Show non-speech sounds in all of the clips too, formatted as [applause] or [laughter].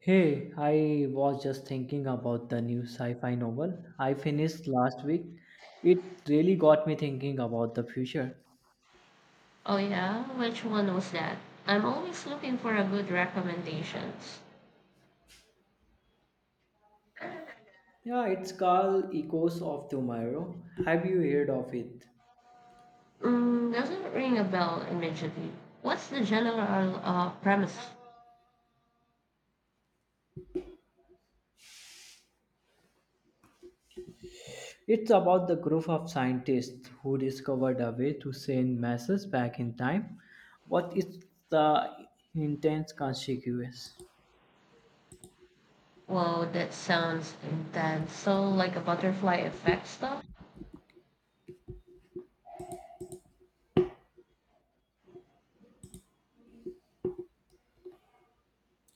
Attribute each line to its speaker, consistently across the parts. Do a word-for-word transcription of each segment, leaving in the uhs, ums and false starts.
Speaker 1: Hey, I was just thinking about the new sci fi novel I finished last week. It really got me thinking about the future.
Speaker 2: Oh yeah, which one was that? I'm always looking for a good recommendations.
Speaker 1: Yeah, it's called Echoes of Tomorrow. Have you heard of it?
Speaker 2: Mm, doesn't ring a bell immediately. What's the general uh, premise?
Speaker 1: It's about the group of scientists who discovered a way to send messages back in time. What is the intense consequence?
Speaker 2: Wow, that sounds intense. So like a butterfly effect stuff?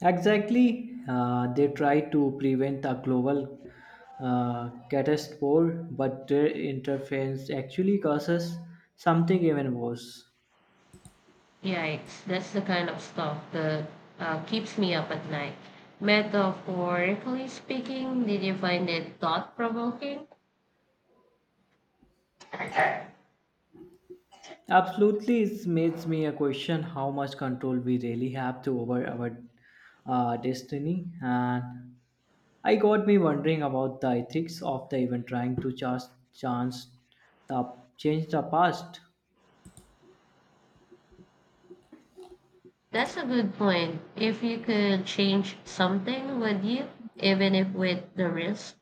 Speaker 1: Exactly, uh, they try to prevent a global uh, catastrophe, but their interference actually causes something even worse.
Speaker 2: Yikes, that's the kind of stuff that uh, keeps me up at night. Metaphorically speaking, did you find it thought provoking?
Speaker 1: Absolutely, it makes me a question how much control we really have to over our uh, destiny, and I got me wondering about the ethics of the even trying to just chance the change the past.
Speaker 2: That's a good point. If you could change something, would you? Even if with the risk?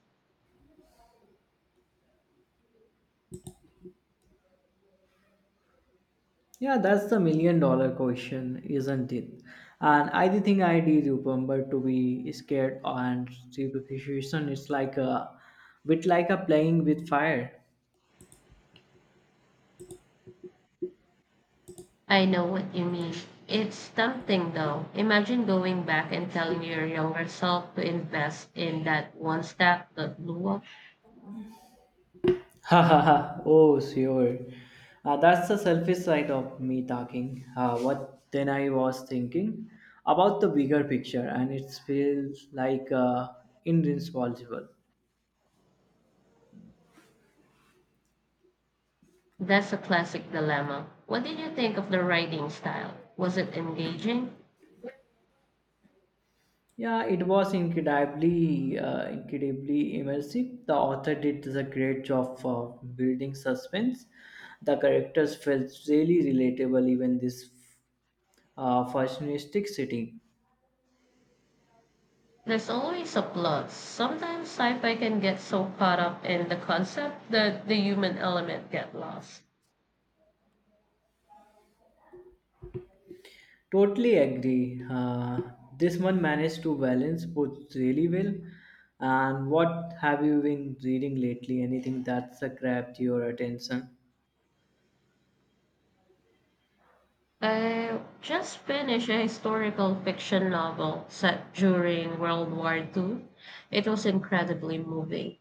Speaker 1: Yeah, that's the million dollar question, isn't it? And I do think I did remember to be scared and superstition. It's like a bit like a playing with fire. [laughs]
Speaker 2: I know what you mean. It's tempting though. Imagine going back and telling your younger self to invest in that one stock that blew up.
Speaker 1: Ha ha ha. Oh, sure. Uh, that's the selfish side of me talking. Uh, what then I was thinking about the bigger picture, and it feels like uh, irresponsible.
Speaker 2: That's a classic dilemma. What did you think of the writing style? Was it engaging?
Speaker 1: Yeah, it was incredibly, uh, incredibly immersive. The author did a great job for building suspense. The characters felt really relatable, even this uh, futuristic city.
Speaker 2: There's always a plot. Sometimes sci fi can get so caught up in the concept that the human element get lost.
Speaker 1: Totally agree. Uh, this one managed to balance both really well. And what have you been reading lately? Anything that's uh, grabbed your attention?
Speaker 2: I just finished a historical fiction novel set during World War two. It was incredibly moving.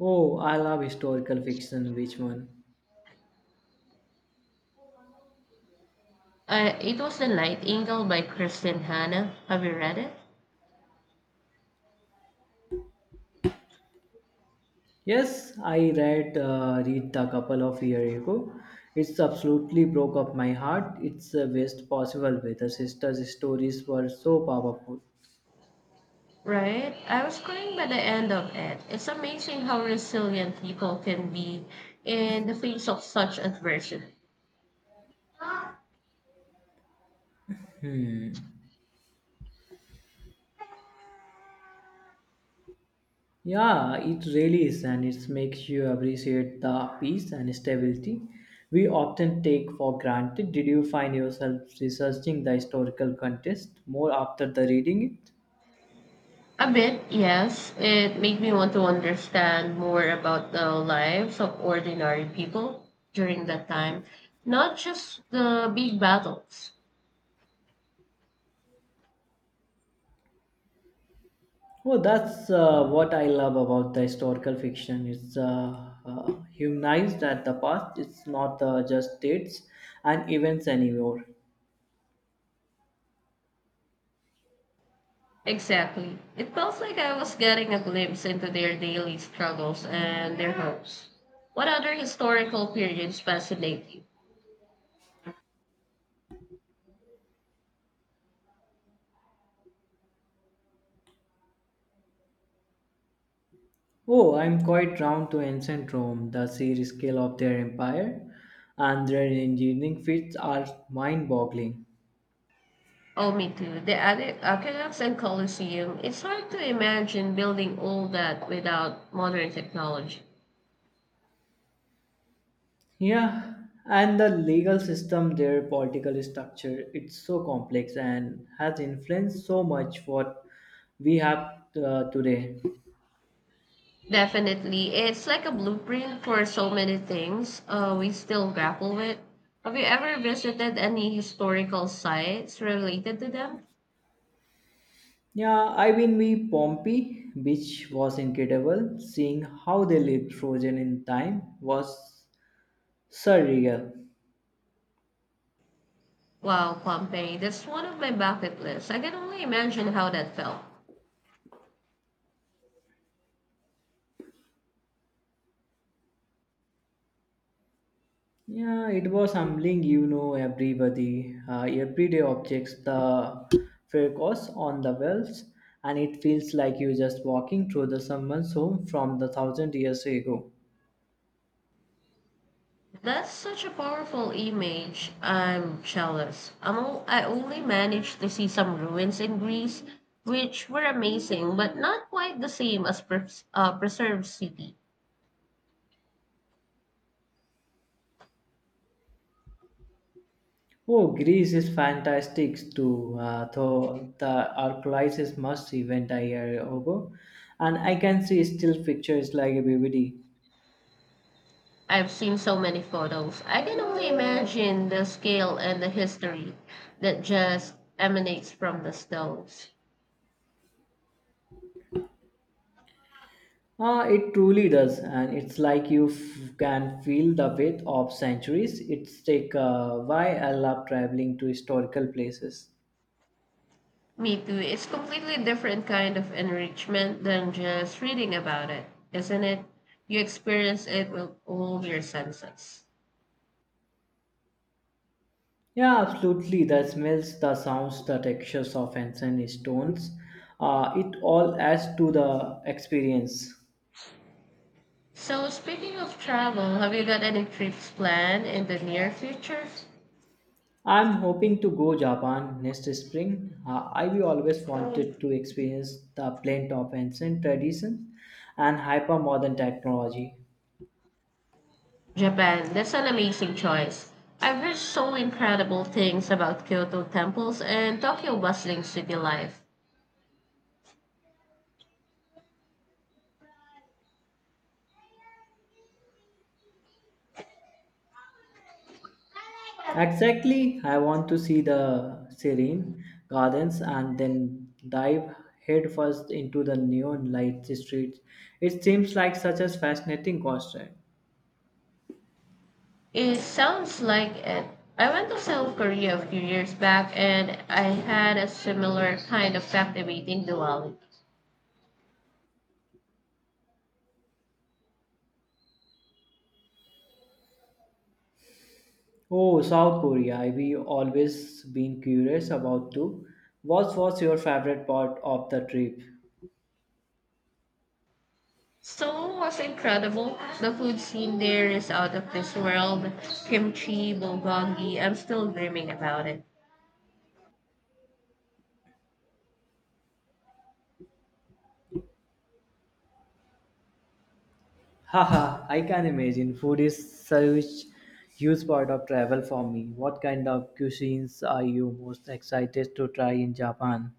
Speaker 1: Oh, I love historical fiction. Which one?
Speaker 2: Uh, it was The Nightingale by Kristen Hanna. Have you read it?
Speaker 1: Yes, I read uh, read the couple of years ago. It's absolutely broke up my heart. It's the best possible way. The sisters' stories were so powerful.
Speaker 2: Right? I was crying by the end of it. It's amazing how resilient people can be in the face of such adversity.
Speaker 1: Yeah, it really is, and it makes you appreciate the peace and stability we often take for granted. Did you find yourself researching the historical context more after the reading it?
Speaker 2: A bit, yes. It made me want to understand more about the lives of ordinary people during that time, not just the big battles.
Speaker 1: Oh, that's uh, what I love about the historical fiction. It's uh, uh, humanized at the past. It's not uh, just dates and events anymore.
Speaker 2: Exactly. It felt like I was getting a glimpse into their daily struggles and their hopes. What other historical periods fascinate you?
Speaker 1: Oh, I'm quite drawn to ancient Rome. The sheer scale of their empire and their engineering feats are mind-boggling.
Speaker 2: Oh, me too. The Ade- aqueducts and Colosseum. It's hard to imagine building all that without modern technology.
Speaker 1: Yeah, and the legal system, their political structure, it's so complex and has influenced so much what we have uh, today.
Speaker 2: Definitely. It's like a blueprint for so many things uh, we still grapple with. Have you ever visited any historical sites related to them?
Speaker 1: Yeah, I've been with Pompeii, which was incredible. Seeing how they lived frozen in time was surreal.
Speaker 2: Wow, Pompeii, that's one of my bucket lists. I can only imagine how that felt.
Speaker 1: Yeah, it was humbling, you know, everybody, uh, everyday objects, the focus on the wells, and it feels like you're just walking through the someone's home from the thousand years ago.
Speaker 2: That's such a powerful image. I'm jealous. I'm all, I only managed to see some ruins in Greece, which were amazing, but not quite the same as pres- uh, preserved city.
Speaker 1: Oh, Greece is fantastic too. Uh, though the Arclisis must event a year ago, and I can see still pictures like a vividly.
Speaker 2: I've seen so many photos. I can only imagine the scale and the history that just emanates from the stones.
Speaker 1: Ah, it truly does, and it's like you f- can feel the weight of centuries. It's take uh, why I love traveling to historical places.
Speaker 2: Me too. It's completely different kind of enrichment than just reading about it, isn't it? You experience it with all your senses.
Speaker 1: Yeah, absolutely. The smells, the sounds, the textures of ancient stones, uh, it all adds to the experience.
Speaker 2: So speaking of travel, have you got any trips planned in the near future?
Speaker 1: I'm hoping to go Japan next spring. Uh, I've always wanted to experience the blend of ancient traditions and hyper-modern technology.
Speaker 2: Japan, that's an amazing choice. I've heard so incredible things about Kyoto temples and Tokyo bustling city life.
Speaker 1: Exactly, I want to see the serene gardens and then dive headfirst into the neon light streets. It seems like such a fascinating concept.
Speaker 2: It sounds like it. I went to South Korea a few years back and I had a similar kind of captivating duality.
Speaker 1: Oh, South Korea, I've always been curious about too. What was your favorite part of the trip?
Speaker 2: Seoul was incredible. The food scene there is out of this world. Kimchi, bulgogi, I'm still dreaming about it.
Speaker 1: Haha, I can imagine. Food is such huge part of travel for me. What kind of cuisines are you most excited to try in Japan?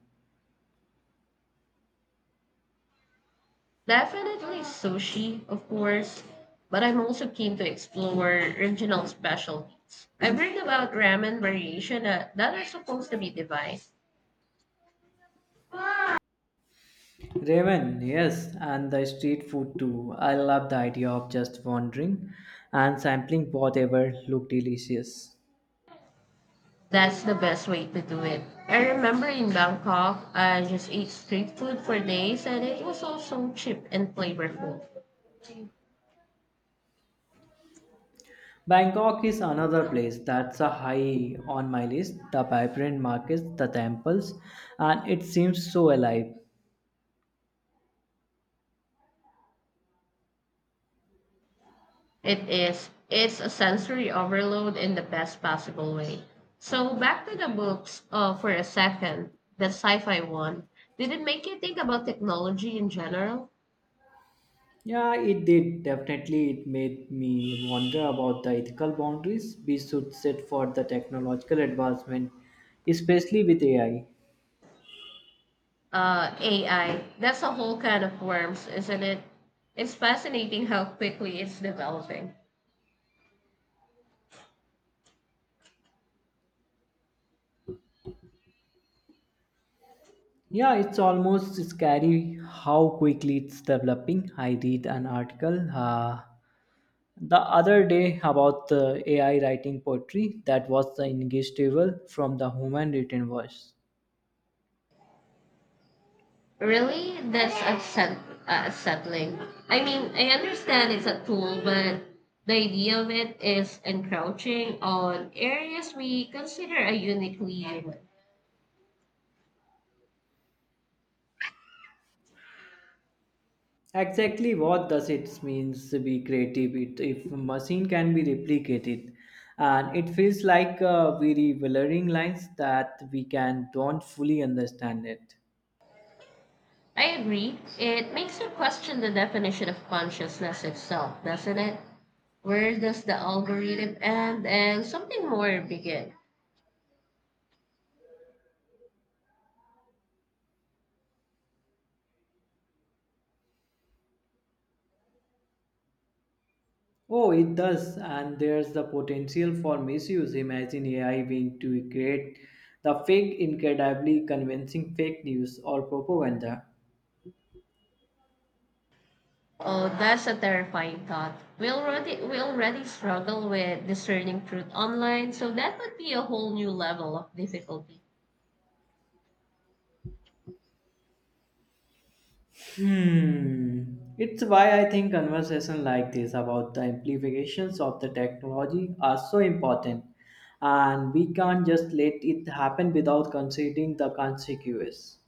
Speaker 2: Definitely sushi, of course, but I'm also keen to explore regional specialties. I've read about ramen variation that, that are supposed to be divine.
Speaker 1: Ramen, yes, and the street food too. I love the idea of just wandering and sampling whatever looked delicious.
Speaker 2: That's the best way to do it. I remember in Bangkok, I just ate street food for days and it was all so cheap and flavorful.
Speaker 1: Bangkok is another place that's a high on my list. The vibrant markets, the temples, and it seems so alive.
Speaker 2: It is. It's a sensory overload in the best possible way. So back to the books uh, for a second, the sci-fi one. Did it make you think about technology in general?
Speaker 1: Yeah, it did. Definitely, it made me wonder about the ethical boundaries we should set for the technological advancement, especially with A I.
Speaker 2: Uh, A I. That's a whole can of worms, isn't it? It's fascinating how quickly it's developing.
Speaker 1: Yeah, it's almost scary how quickly it's developing. I read an article uh, the other day about the A I writing poetry that was the indistinguishable from the human written verse.
Speaker 2: Really? That's upset, uh, unsettling. I mean, I understand it's a tool, but the idea of it is encroaching on areas we consider are uniquely human.
Speaker 1: Exactly, what does it means to be creative it, if machine can be replicated, and it feels like uh, very blurring lines that we can don't fully understand it.
Speaker 2: I agree. It makes you question the definition of consciousness itself, doesn't it? Where does the algorithm end and something more begin?
Speaker 1: Oh, it does, and there's the potential for misuse. Imagine A I being to create the fake, incredibly convincing fake news or propaganda.
Speaker 2: Oh, that's a terrifying thought. We already we already struggle with discerning truth online, so that would be a whole new level of difficulty.
Speaker 1: Hmm. It's why I think conversations like this about the implications of the technology are so important, and we can't just let it happen without considering the consequences.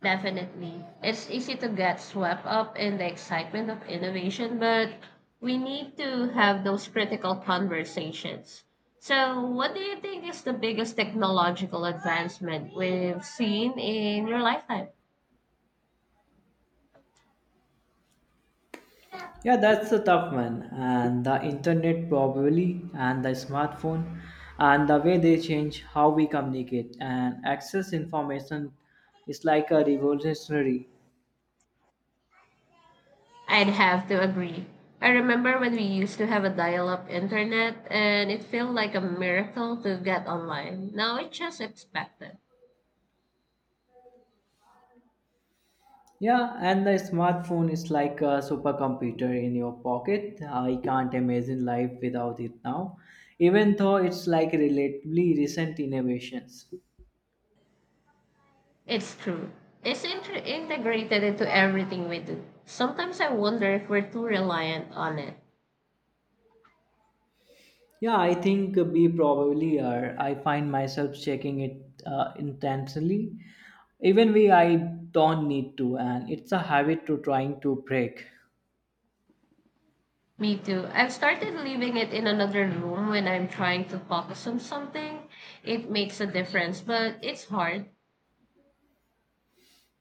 Speaker 2: Definitely. It's easy to get swept up in the excitement of innovation, but we need to have those critical conversations. So, what do you think is the biggest technological advancement we've seen in your lifetime?
Speaker 1: Yeah, that's a tough one. And the internet probably, and the smartphone, and the way they change how we communicate and access information is like a revolutionary.
Speaker 2: I'd have to agree. I remember when we used to have a dial up internet and it felt like a miracle to get online. Now it's just expected.
Speaker 1: Yeah, and the smartphone is like a supercomputer in your pocket. I can't imagine life without it now, even though it's like relatively recent innovations.
Speaker 2: It's true. It's inter- integrated into everything we do. Sometimes I wonder if we're too reliant on it.
Speaker 1: Yeah, I think we probably are. I find myself checking it uh, intentionally, even when I don't need to, and it's a habit to trying to break.
Speaker 2: Me too. I've started leaving it in another room when I'm trying to focus on something. It makes a difference, but it's hard.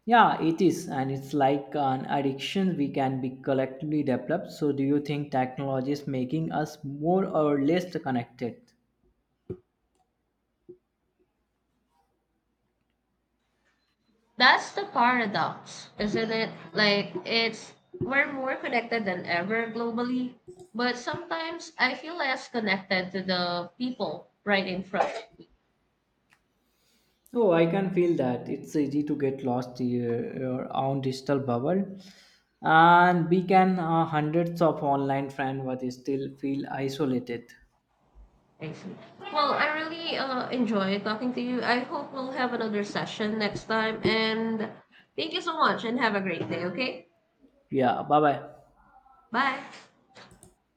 Speaker 1: Yeah, it is, and it's like an addiction we can be collectively developed. So, do you think technology is making us more or less connected?
Speaker 2: That's the paradox, isn't it? Like it's We're more connected than ever globally, but sometimes I feel less connected to the people right in front.
Speaker 1: Oh, I can feel that. It's easy to get lost in your your own digital bubble, and we can uh, hundreds of online friends, but still feel isolated.
Speaker 2: I see. Well, I really uh, enjoy talking to you. I hope we'll have another session next time. And thank you so much and have a great day, okay?
Speaker 1: Yeah, bye bye.
Speaker 2: Bye.